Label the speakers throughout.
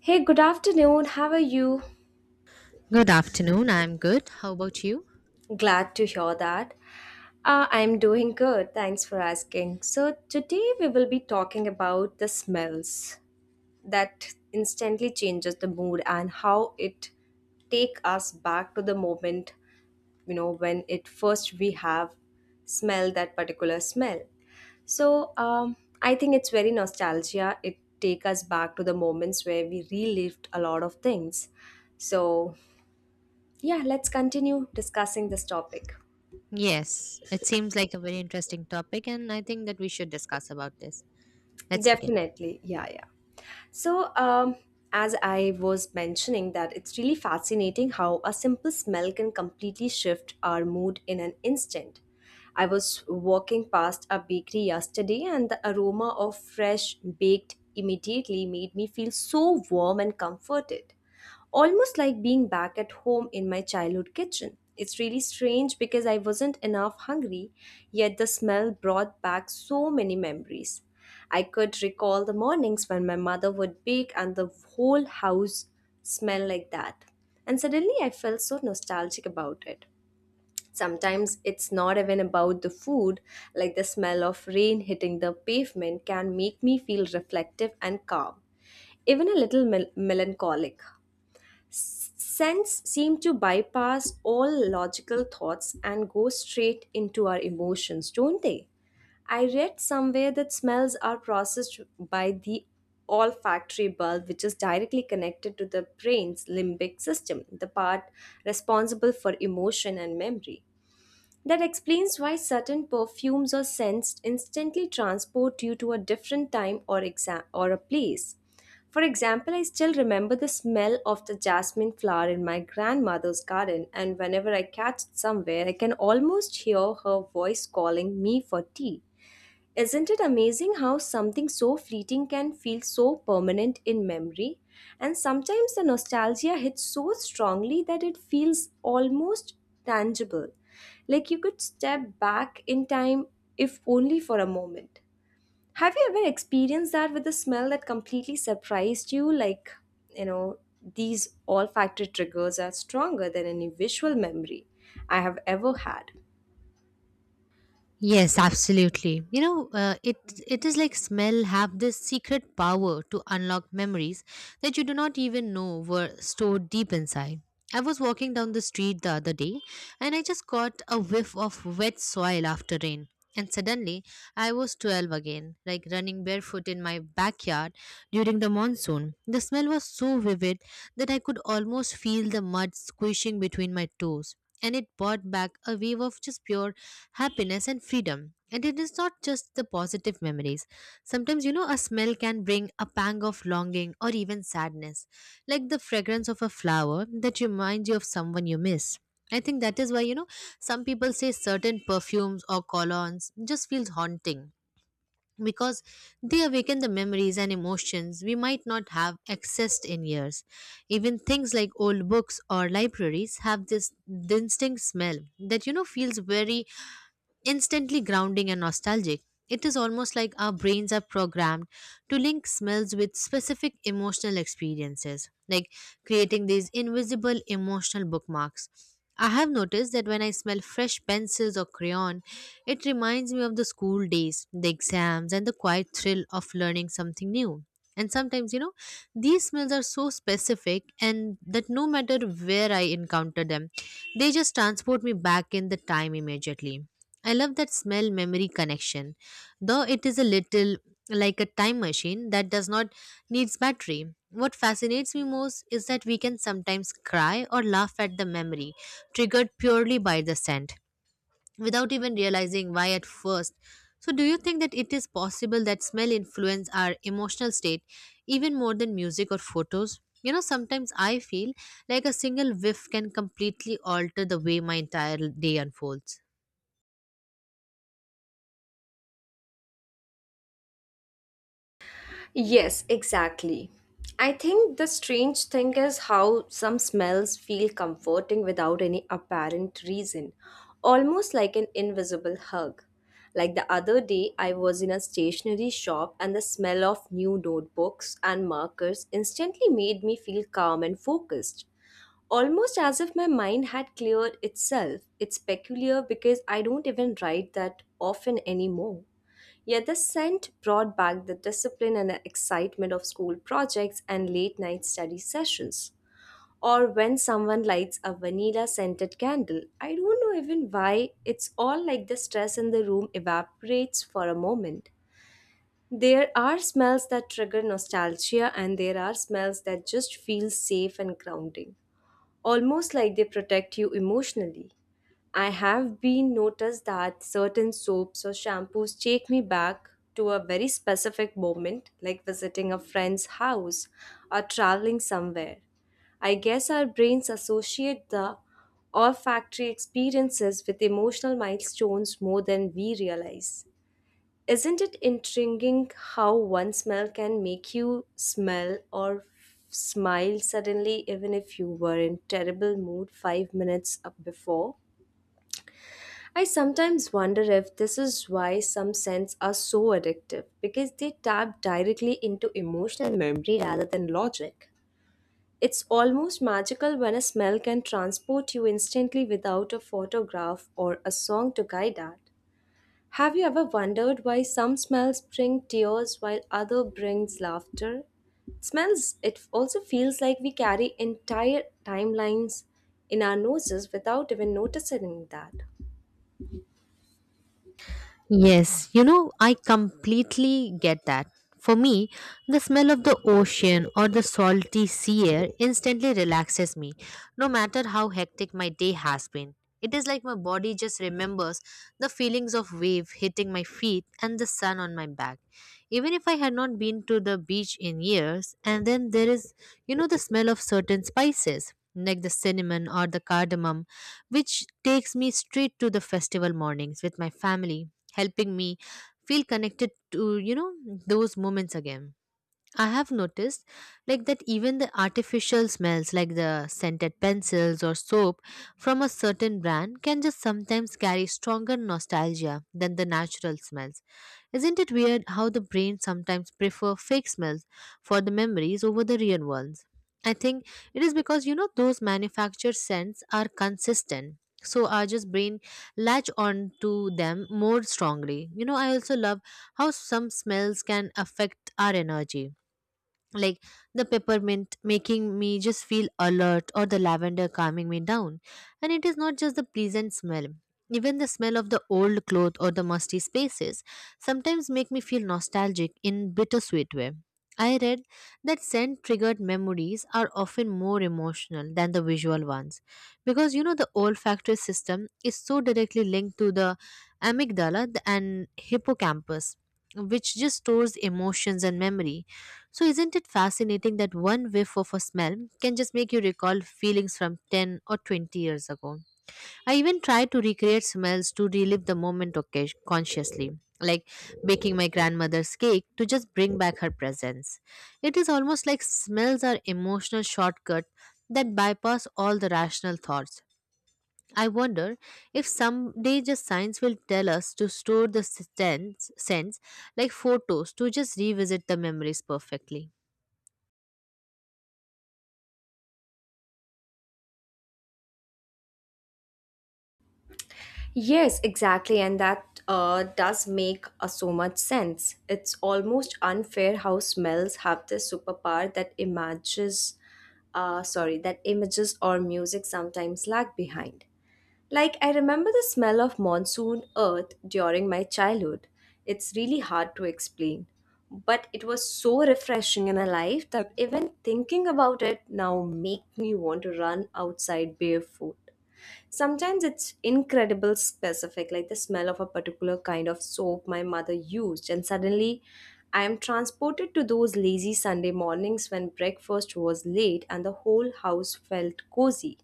Speaker 1: Hey, good afternoon. How are you?
Speaker 2: Good afternoon. I'm good. How about you?
Speaker 1: Glad to hear that. I'm doing good. Thanks for asking. So, today we will be talking about the smells that instantly changes the mood and how it take us back to the moment, you know, when it first we have smell that particular smell. So, um, I think it's very nostalgia. It take us back to the moments where we relived a lot of things. So, Yeah, let's continue discussing this topic.
Speaker 2: Yes, it seems like a very interesting topic, and I think that we should discuss about this. Let's begin.
Speaker 1: Definitely. Yeah. So, um, as I was mentioning, that it's really fascinating how a simple smell can completely shift our mood in an instant. I was walking past a bakery yesterday, and the aroma of fresh baked immediately made me feel so warm and comforted, almost like being back at home in my childhood kitchen. It's really strange because I wasn't enough hungry, yet the smell brought back so many memories. I could recall the mornings when my mother would bake and the whole house smelled like that. And suddenly I felt so nostalgic about it. Sometimes it's not even about the food, like the smell of rain hitting the pavement can make me feel reflective and calm, even a little melancholic. Sense seem to bypass all logical thoughts and go straight into our emotions, don't they? I read somewhere that smells are processed by the olfactory bulb, which is directly connected to the brain's limbic system, the part responsible for emotion and memory. That explains why certain perfumes or scents instantly transport you to a different time or a place. For example, I still remember the smell of the jasmine flower in my grandmother's garden, and whenever I catch it somewhere, I can almost hear her voice calling me for tea. Isn't it amazing how something so fleeting can feel so permanent in memory? And sometimes the nostalgia hits so strongly that it feels almost tangible, like you could step back in time if only for a moment. Have you ever experienced that with a smell that completely surprised you? You know, these olfactory triggers are stronger than any visual memory I have ever had.
Speaker 2: Yes, absolutely. You know, it is like smell have this secret power to unlock memories that you do not even know were stored deep inside. I was walking down the street the other day and I just caught a whiff of wet soil after rain. And suddenly I was 12 again, like running barefoot in my backyard during the monsoon. The smell was so vivid that I could almost feel the mud squishing between my toes and it brought back a wave of just pure happiness and freedom. And it is not just the positive memories. Sometimes, a smell can bring a pang of longing or even sadness, like the fragrance of a flower that reminds you of someone you miss. I think that is why, some people say certain perfumes or colognes just feels haunting because they awaken the memories and emotions we might not have accessed in years. Even things like old books or libraries have this distinct smell that feels very instantly grounding and nostalgic. It is almost like our brains are programmed to link smells with specific emotional experiences, like creating these invisible emotional bookmarks. I have noticed that when I smell fresh pencils or crayon, it reminds me of the school days, the exams, and the quiet thrill of learning something new. And sometimes, these smells are so specific, and that no matter where I encounter them, they just transport me back in the time immediately. I love that smell memory connection, though it is a little like a time machine that does not needs battery. What fascinates me most is that we can sometimes cry or laugh at the memory, triggered purely by the scent, without even realizing why at first. So, do you think that it is possible that smell influence our emotional state even more than music or photos? You know, sometimes I feel like a single whiff can completely alter the way my entire day unfolds.
Speaker 1: Yes, exactly. I think the strange thing is how some smells feel comforting without any apparent reason, almost like an invisible hug. Like the other day, I was in a stationery shop, and the smell of new notebooks and markers instantly made me feel calm and focused, almost as if my mind had cleared itself. It's peculiar because I don't even write that often anymore. Yet the scent brought back the discipline and excitement of school projects and late night study sessions. Or when someone lights a vanilla scented candle. I don't know even why, it's all like the stress in the room evaporates for a moment. There are smells that trigger nostalgia, and there are smells that just feel safe and grounding, almost like they protect you emotionally. I have been noticed that certain soaps or shampoos take me back to a very specific moment, like visiting a friend's house or traveling somewhere. I guess our brains associate the olfactory experiences with emotional milestones more than we realize. Isn't it intriguing how one smell can make you smell smile suddenly, even if you were in terrible mood 5 minutes up before? I sometimes wonder if this is why some scents are so addictive because they tap directly into emotional memory rather than logic. It's almost magical when a smell can transport you instantly without a photograph or a song to guide that. Have you ever wondered why some smells bring tears while other brings laughter? Smells, it also feels like we carry entire timelines in our noses without even noticing that.
Speaker 2: Yes, you know, I completely get that. For me, the smell of the ocean or the salty sea air instantly relaxes me, no matter how hectic my day has been. It is like my body just remembers the feelings of wave hitting my feet and the sun on my back. Even if I had not been to the beach in years, and then there is, the smell of certain spices, like the cinnamon or the cardamom, which takes me straight to the festival mornings with my family helping me feel connected to those moments again. I have noticed like that even the artificial smells like the scented pencils or soap from a certain brand can just sometimes carry stronger nostalgia than the natural smells. Isn't it weird how the brain sometimes prefer fake smells for the memories over the real ones? I think it is because those manufactured scents are consistent. So our just brain latch on to them more strongly. You know, I also love how some smells can affect our energy like the peppermint making me just feel alert or the lavender calming me down. And it is not just the pleasant smell, even the smell of the old cloth or the musty spaces sometimes make me feel nostalgic in bittersweet way. I read that scent triggered memories are often more emotional than the visual ones because the olfactory system is so directly linked to the amygdala and hippocampus, which just stores emotions and memory. So, isn't it fascinating that one whiff of a smell can just make you recall feelings from 10 or 20 years ago? I even try to recreate smells to relive the moment consciously, like baking my grandmother's cake to just bring back her presence. It is almost like smells are emotional shortcut that bypass all the rational thoughts. I wonder if someday just science will tell us to store the sense like photos to just revisit the memories perfectly.
Speaker 1: Yes, exactly, and that does make so much sense. It's almost unfair how smells have this superpower that images, sorry, that images or music sometimes lag behind. Like, I remember the smell of monsoon earth during my childhood. It's really hard to explain. But it was so refreshing and alive that even thinking about it now makes me want to run outside barefoot. Sometimes it's incredible specific, like the smell of a particular kind of soap my mother used, and suddenly I am transported to those lazy Sunday mornings when breakfast was late and the whole house felt cozy.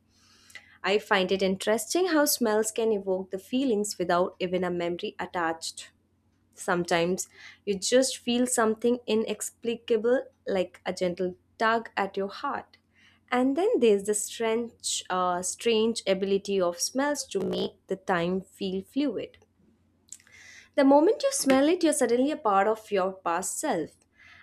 Speaker 1: I find it interesting how smells can evoke the feelings without even a memory attached. Sometimes you just feel something inexplicable, like a gentle tug at your heart. And then there's the strange ability of smells to make the time feel fluid. The moment you smell it, you're suddenly a part of your past self.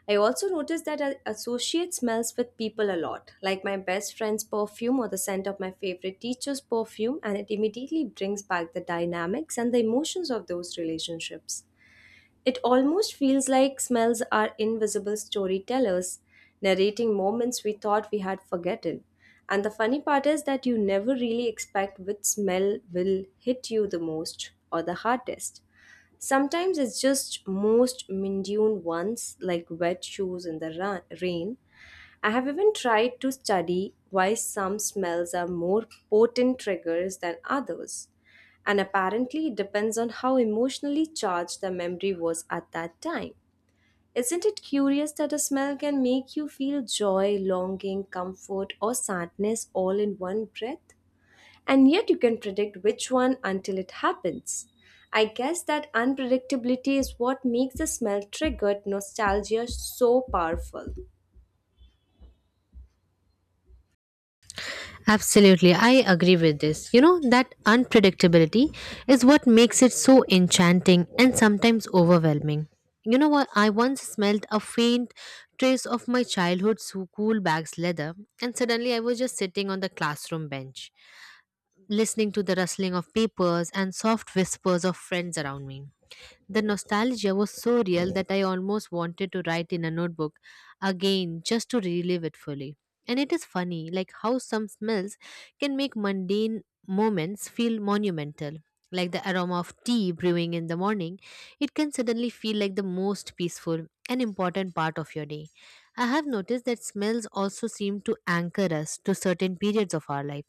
Speaker 1: I also noticed that I associate smells with people a lot, like my best friend's perfume or the scent of my favorite teacher's perfume, and it immediately brings back the dynamics and the emotions of those relationships. It almost feels like smells are invisible storytellers, narrating moments we thought we had forgotten. And the funny part is that you never really expect which smell will hit you the most or the hardest. Sometimes it's just most mundane ones like wet shoes in the rain. I have even tried to study why some smells are more potent triggers than others. And apparently, it depends on how emotionally charged the memory was at that time. Isn't it curious that a smell can make you feel joy, longing, comfort, or sadness all in one breath? And yet you can predict which one until it happens. I guess that unpredictability is what makes the smell triggered nostalgia so powerful.
Speaker 2: Absolutely, I agree with this. You know, that unpredictability is what makes it so enchanting and sometimes overwhelming. You know what? I once smelled a faint trace of my childhood school bag's leather, and suddenly I was just sitting on the classroom bench, listening to the rustling of papers and soft whispers of friends around me. The nostalgia was so real that I almost wanted to write in a notebook again just to relive it fully. And it is funny, like how some smells can make mundane moments feel monumental. Like the aroma of tea brewing in the morning, it can suddenly feel like the most peaceful and important part of your day. I have noticed that smells also seem to anchor us to certain periods of our life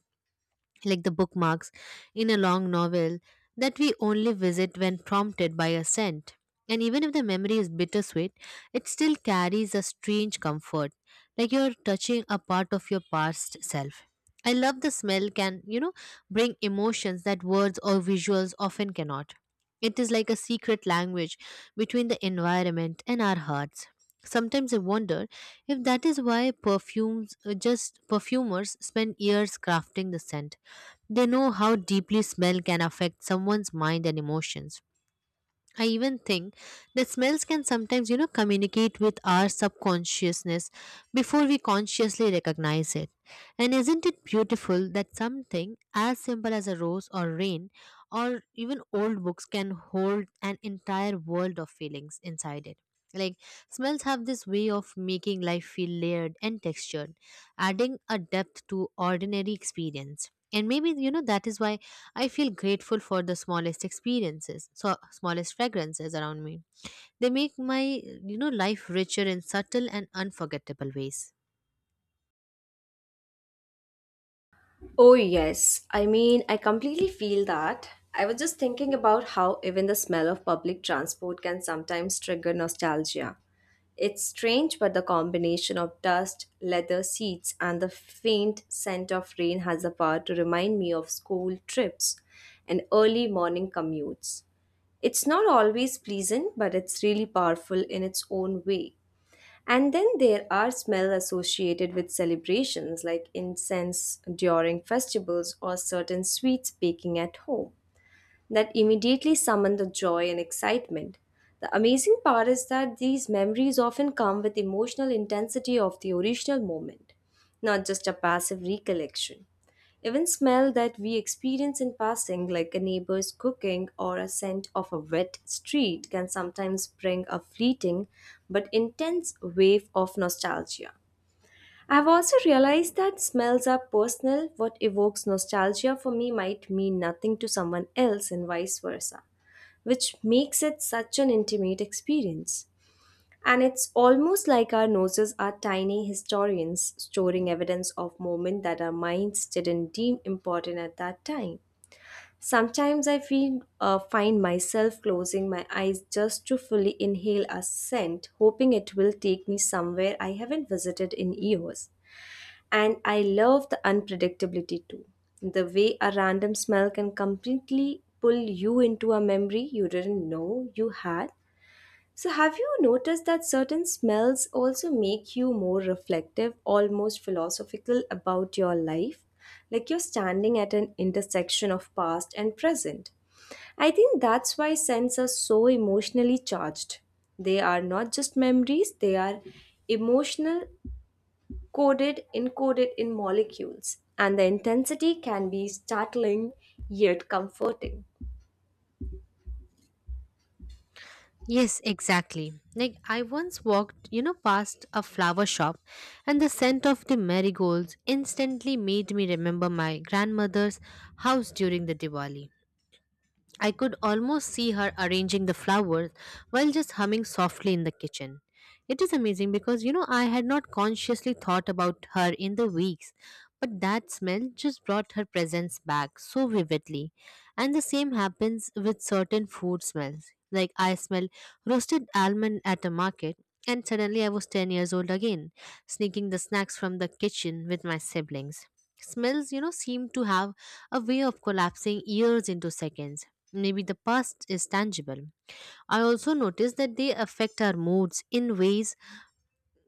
Speaker 2: like the bookmarks in a long novel that we only visit when prompted by a scent. And even if the memory is bittersweet, it still carries a strange comfort, like you're touching a part of your past self. I love the smell can, bring emotions that words or visuals often cannot. It is like a secret language between the environment and our hearts. Sometimes I wonder if that is why perfumes just perfumers spend years crafting the scent. They know how deeply smell can affect someone's mind and emotions. I even think that smells can sometimes, communicate with our subconsciousness before we consciously recognize it. And isn't it beautiful that something as simple as a rose or rain or even old books can hold an entire world of feelings inside it? Like, smells have this way of making life feel layered and textured, adding a depth to ordinary experience. And maybe, that is why I feel grateful for the smallest experiences, so smallest fragrances around me. They make my life richer in subtle and unforgettable ways.
Speaker 1: Oh, yes. I mean, I completely feel that. I was just thinking about how even the smell of public transport can sometimes trigger nostalgia. It's strange, but the combination of dust, leather seats, and the faint scent of rain has the power to remind me of school trips and early morning commutes. It's not always pleasant, but it's really powerful in its own way. And then there are smells associated with celebrations like incense during festivals or certain sweets baking at home that immediately summon the joy and excitement. The amazing part is that these memories often come with emotional intensity of the original moment, not just a passive recollection. Even smell that we experience in passing, like a neighbor's cooking or a scent of a wet street, can sometimes bring a fleeting but intense wave of nostalgia. I've also realized that smells are personal. What evokes nostalgia for me might mean nothing to someone else, and vice versa, which makes it such an intimate experience. And it's almost like our noses are tiny historians storing evidence of moments that our minds didn't deem important at that time. Sometimes I find myself closing my eyes just to fully inhale a scent, hoping it will take me somewhere I haven't visited in years. And I love the unpredictability too. The way a random smell can completely pull you into a memory you didn't know you had. So, have you noticed that certain smells also make you more reflective, almost philosophical about your life? Like you're standing at an intersection of past and present. I think that's why scents are so emotionally charged. They are not just memories, they are emotional coded encoded in molecules, and the intensity can be startling yet comforting.
Speaker 2: Yes, exactly. Like I once walked, past a flower shop and the scent of the marigolds instantly made me remember my grandmother's house during the Diwali. I could almost see her arranging the flowers while just humming softly in the kitchen. It is amazing because I had not consciously thought about her in the weeks, but that smell just brought her presence back so vividly. And the same happens with certain food smells. Like I smell roasted almond at a market, and suddenly I was 10 years old again, sneaking the snacks from the kitchen with my siblings. Smells, seem to have a way of collapsing years into seconds. Maybe the past is tangible. I also noticed that they affect our moods in ways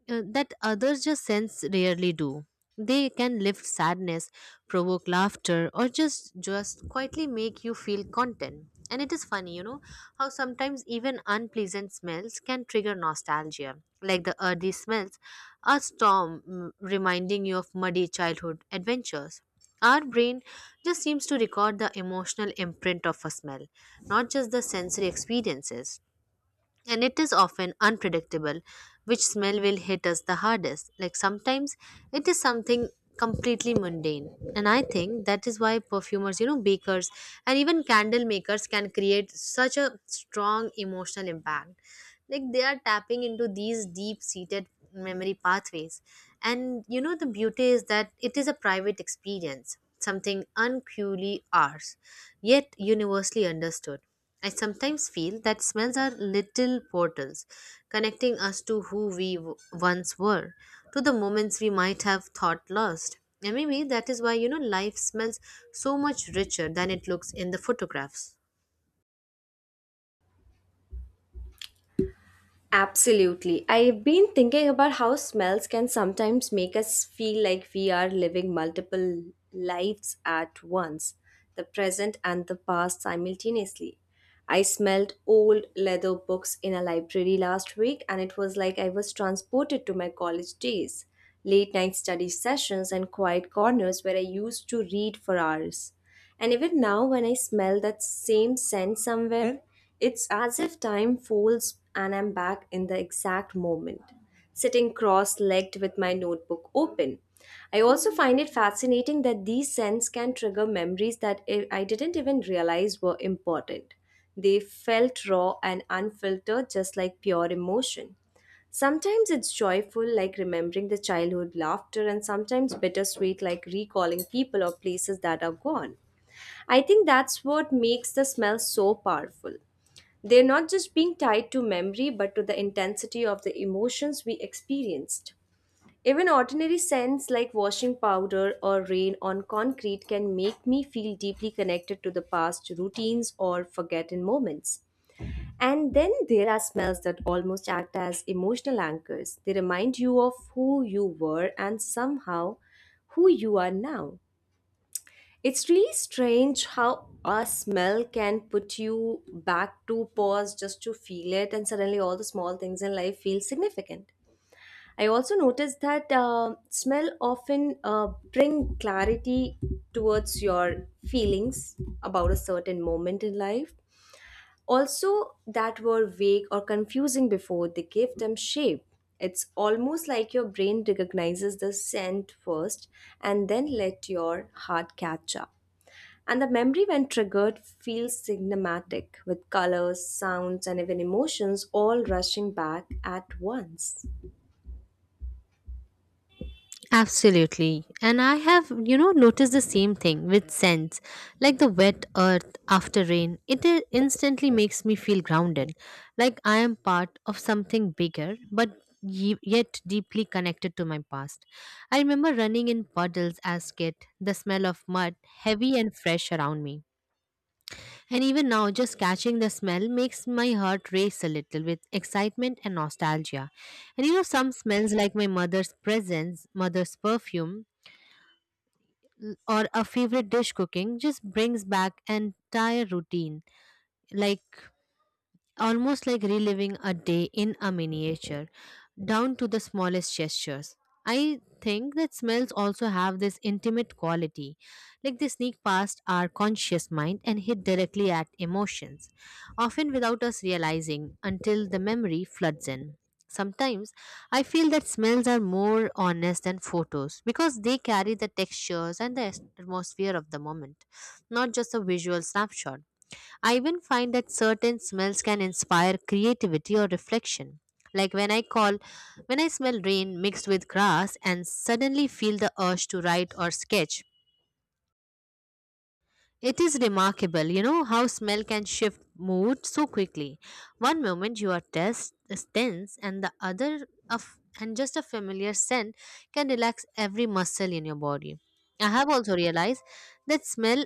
Speaker 2: that others just sense rarely do. They can lift sadness, provoke laughter, or just quietly make you feel content. And it is funny, how sometimes even unpleasant smells can trigger nostalgia, like the earthy smells, a storm, reminding you of muddy childhood adventures. Our brain just seems to record the emotional imprint of a smell, not just the sensory experiences. And it is often unpredictable which smell will hit us the hardest. Like sometimes it is something completely mundane, and I think that is why perfumers, bakers, and even candle makers can create such a strong emotional impact, like they are tapping into these deep seated memory pathways. And the beauty is that it is a private experience, something unquely ours, yet universally understood. I sometimes feel that smells are little portals connecting us to who once were, to the moments we might have thought lost. And maybe that is why, life smells so much richer than it looks in the photographs.
Speaker 1: Absolutely. I've been thinking about how smells can sometimes make us feel like we are living multiple lives at once, the present and the past simultaneously. I smelled old leather books in a library last week, and it was like I was transported to my college days, late night study sessions, and quiet corners where I used to read for hours. And even now, when I smell that same scent somewhere, it's as if time folds and I'm back in the exact moment, sitting cross legged with my notebook open. I also find it fascinating that these scents can trigger memories that I didn't even realize were important. They felt raw and unfiltered, just like pure emotion. Sometimes it's joyful, like remembering the childhood laughter, and sometimes bittersweet, like recalling people or places that are gone. I think that's what makes the smell so powerful. They're not just being tied to memory, but to the intensity of the emotions we experienced. Even ordinary scents like washing powder or rain on concrete can make me feel deeply connected to the past routines or forgotten moments. And then there are smells that almost act as emotional anchors. They remind you of who you were and somehow who you are now. It's really strange how a smell can put you back to pause just to feel it, and suddenly all the small things in life feel significant. I also noticed that smell often bring clarity towards your feelings about a certain moment in life also that were vague or confusing before they gave them shape. It's almost like your brain recognizes the scent first and then let your heart catch up. And the memory, when triggered, feels cinematic with colors, sounds, and even emotions all rushing back at once.
Speaker 2: Absolutely. And I have, noticed the same thing with scents. Like the wet earth after rain, instantly makes me feel grounded, like I am part of something bigger, but yet deeply connected to my past. I remember running in puddles as kid, the smell of mud heavy and fresh around me. And even now, just catching the smell makes my heart race a little with excitement and nostalgia. And you know, some smells like my mother's perfume, or a favorite dish cooking just brings back an entire routine. Like almost like reliving a day in a miniature, down to the smallest gestures. I think that smells also have this intimate quality, like they sneak past our conscious mind and hit directly at emotions, often without us realizing until the memory floods in. Sometimes I feel that smells are more honest than photos because they carry the textures and the atmosphere of the moment, not just a visual snapshot. I even find that certain smells can inspire creativity or reflection. Like when I call, when I smell rain mixed with grass and suddenly feel the urge to write or sketch. It is remarkable, you know, how smell can shift mood so quickly. One moment you are tense, and the other, and just a familiar scent can relax every muscle in your body. I have also realized that smell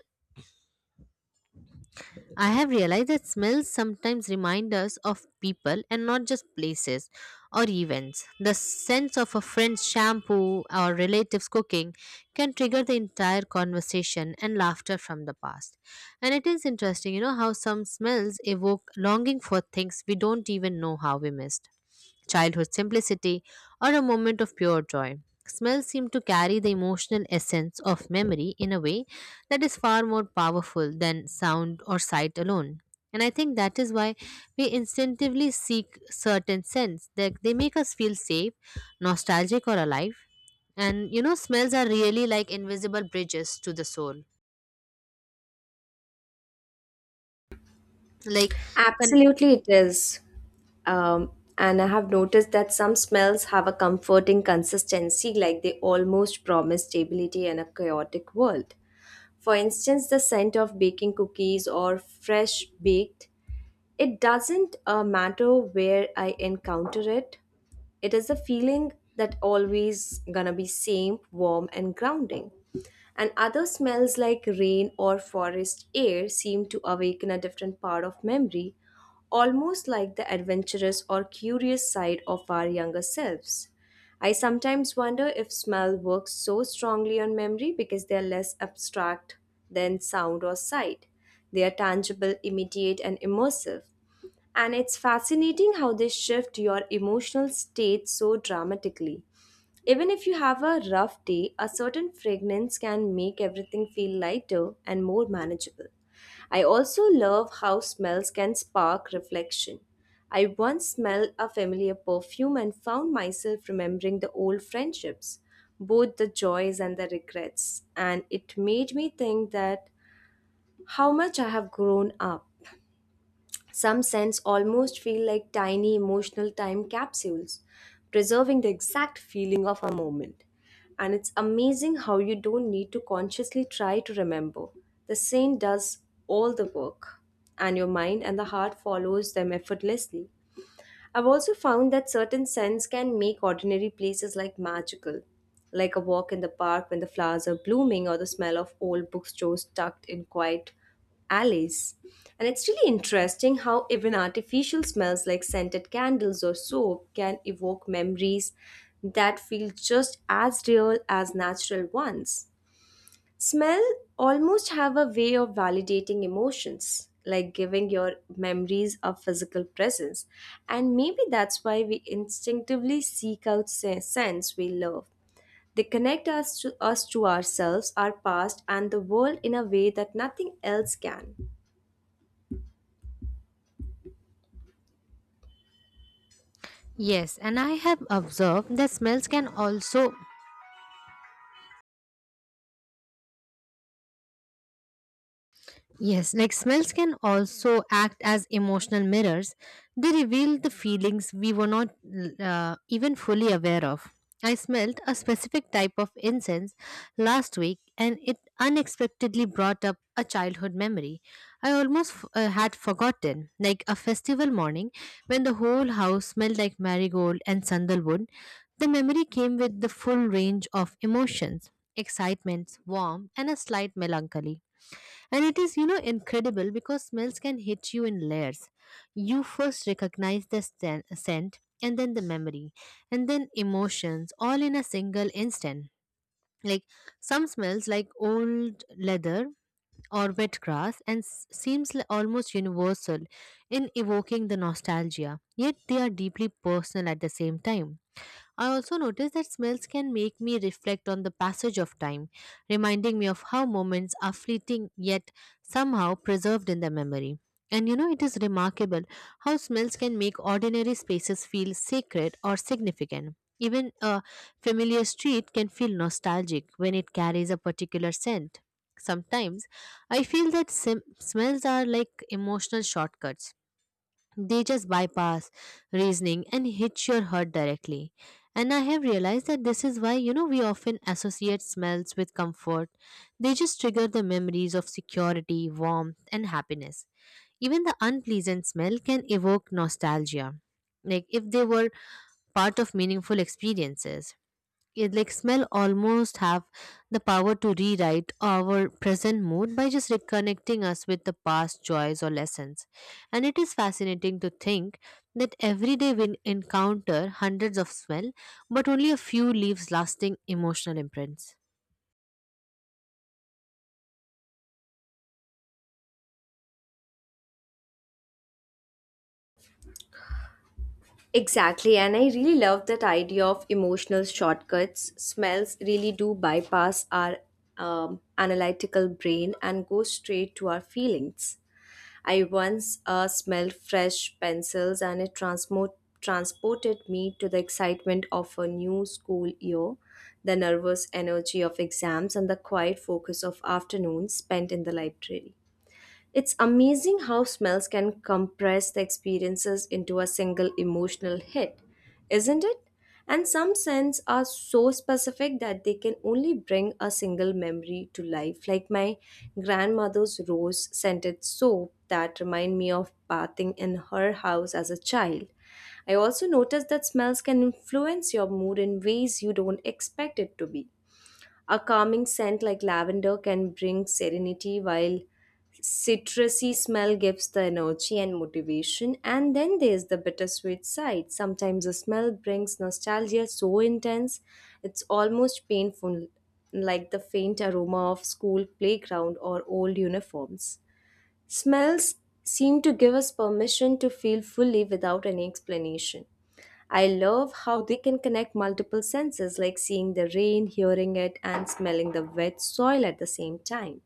Speaker 2: I have realized that smells sometimes remind us of people and not just places or events. The sense of a friend's shampoo or relative's cooking can trigger the entire conversation and laughter from the past. And it is interesting, you know, how some smells evoke longing for things we don't even know how we missed childhood simplicity, or a moment of pure joy. Smells seem to carry the emotional essence of memory in a way that is far more powerful than sound or sight alone. And I think that is why we instinctively seek certain scents that they make us feel safe, nostalgic, or alive. And you know, smells are really like invisible bridges to the soul. Like, con-
Speaker 1: Absolutely, it is. Um, and I have noticed that some smells have a comforting consistency, like they almost promise stability in a chaotic world. For instance, the scent of baking cookies or fresh baked, it doesn't matter where I encounter it. It is a feeling that always gonna be same, warm and grounding. And other smells like rain or forest air seem to awaken a different part of memory, almost like the adventurous or curious side of our younger selves. I sometimes wonder if smell works so strongly on memory because they are less abstract than sound or sight. They are tangible, immediate, and immersive. And it's fascinating how they shift your emotional state so dramatically. Even if you have a rough day, a certain fragrance can make everything feel lighter and more manageable. I also love how smells can spark reflection. I once smelled a familiar perfume and found myself remembering the old friendships, both the joys and the regrets, and it made me think that how much I have grown up. Some scents almost feel like tiny emotional time capsules, preserving the exact feeling of a moment. And it's amazing how you don't need to consciously try to remember. The scent does all the work, and your mind and the heart follows them effortlessly. I've also found that certain scents can make ordinary places like magical, like a walk in the park when the flowers are blooming or the smell of old bookstores tucked in quiet alleys. And it's really interesting how even artificial smells like scented candles or soap can evoke memories that feel just as real as natural ones. Smell almost have a way of validating emotions, like giving your memories a physical presence. And maybe that's why we instinctively seek out scents we love. They connect us to ourselves, our past, and the world in a way that nothing else can.
Speaker 2: yes, and I have observed that smells can also yes, like smells can also act as emotional mirrors. They reveal the feelings we were not even fully aware of. I smelled a specific type of incense last week and it unexpectedly brought up a childhood memory I had forgotten, like a festival morning when the whole house smelled like marigold and sandalwood. The memory came with the full range of emotions: excitement, warmth, and a slight melancholy. And it is, you know, incredible because smells can hit you in layers. You first recognize the scent, and then the memory, and then emotions, all in a single instant. Like some smells, like old leather or wet grass, and almost universal in evoking the nostalgia. Yet they are deeply personal at the same time. I also noticed that smells can make me reflect on the passage of time, reminding me of how moments are fleeting yet somehow preserved in the memory. And you know, it is remarkable how smells can make ordinary spaces feel sacred or significant. Even a familiar street can feel nostalgic when it carries a particular scent. Sometimes I feel that smells are like emotional shortcuts, they just bypass reasoning and hit your heart directly. And I have realized that this is why, you know, we often associate smells with comfort. They just trigger the memories of security, warmth, and happiness. Even the unpleasant smell can evoke nostalgia, like if they were part of meaningful experiences. It like smell almost have the power to rewrite our present mood by just reconnecting us with the past joys or lessons, and it is fascinating to think that every day we encounter hundreds of smell but only a few leaves lasting emotional imprints.
Speaker 1: Exactly, and I really love that idea of emotional shortcuts. Smells really do bypass our analytical brain and go straight to our feelings. I once smelled fresh pencils and it transported me to the excitement of a new school year, the nervous energy of exams, and the quiet focus of afternoons spent in the library. It's amazing how smells can compress the experiences into a single emotional hit, isn't it? And some scents are so specific that they can only bring a single memory to life, like my grandmother's rose scented soap that remind me of bathing in her house as a child. I also noticed that smells can influence your mood in ways you don't expect it to be. A calming scent like lavender can bring serenity, while citrusy smell gives the energy and motivation. And then there's the bittersweet side. Sometimes the smell brings nostalgia so intense it's almost painful, like the faint aroma of school playground or old uniforms. Smells seem to give us permission to feel fully without any explanation. I love how they can connect multiple senses like seeing the rain, hearing it, and smelling the wet soil at the same time.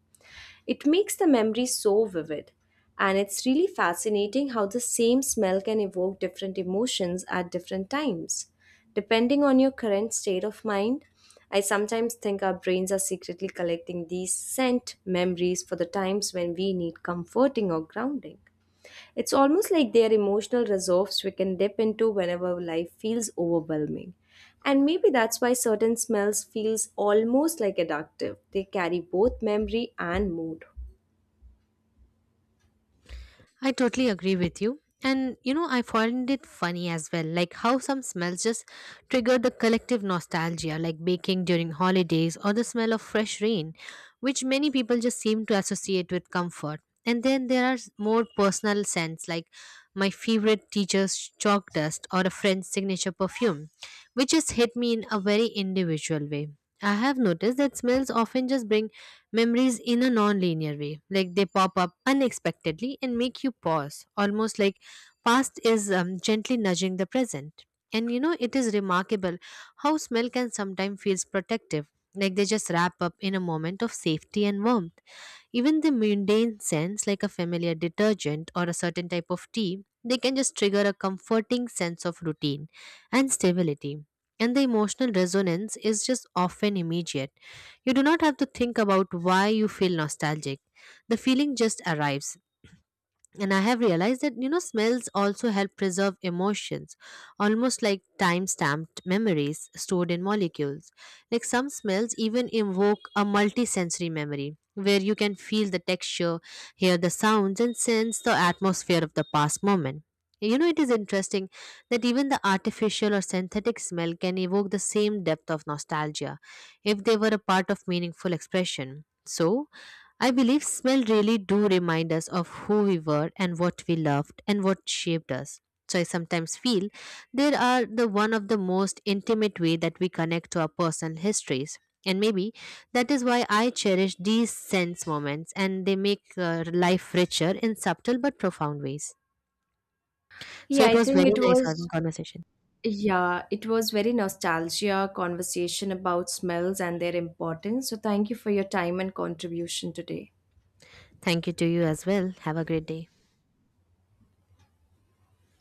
Speaker 1: It makes the memory so vivid. And it's really fascinating how the same smell can evoke different emotions at different times. Depending on your current state of mind, I sometimes think our brains are secretly collecting these scent memories for the times when we need comforting or grounding. It's almost like they are emotional reserves we can dip into whenever life feels overwhelming. And maybe that's why certain smells feels almost like addictive. They carry both memory and mood.
Speaker 2: I totally agree with you. And you know, I find it funny as well, like how some smells just trigger the collective nostalgia, like baking during holidays or the smell of fresh rain, which many people just seem to associate with comfort. And then there are more personal scents, like my favorite teacher's chalk dust or a friend's signature perfume, which just hit me in a very individual way. I have noticed that smells often just bring memories in a non-linear way, like they pop up unexpectedly and make you pause, almost like past is gently nudging the present. And you know, it is remarkable how smell can sometimes feels protective, like they just wrap up in a moment of safety and warmth. Even the mundane scents, like a familiar detergent or a certain type of tea, they can just trigger a comforting sense of routine and stability. And the emotional resonance is just often immediate. You do not have to think about why you feel nostalgic. The feeling just arrives. And I have realized that, you know, smells also help preserve emotions, almost like time stamped memories stored in molecules. Like some smells even evoke a multisensory memory, where you can feel the texture, hear the sounds, and sense the atmosphere of the past moment. You know, it is interesting that even the artificial or synthetic smell can evoke the same depth of nostalgia if they were a part of meaningful expression. So, I believe smell really do remind us of who we were and what we loved and what shaped us. So I sometimes feel there are the one of the most intimate way that we connect to our personal histories. And maybe that is why I cherish these sense moments and they make life richer in subtle but profound ways. So
Speaker 1: Yeah,
Speaker 2: it
Speaker 1: I
Speaker 2: was
Speaker 1: think
Speaker 2: very
Speaker 1: it
Speaker 2: nice having
Speaker 1: was
Speaker 2: conversation.
Speaker 1: yeah, it was very nostalgia conversation about smells and their importance. So thank you for your time and contribution today.
Speaker 2: Thank you to you as well. Have a great day.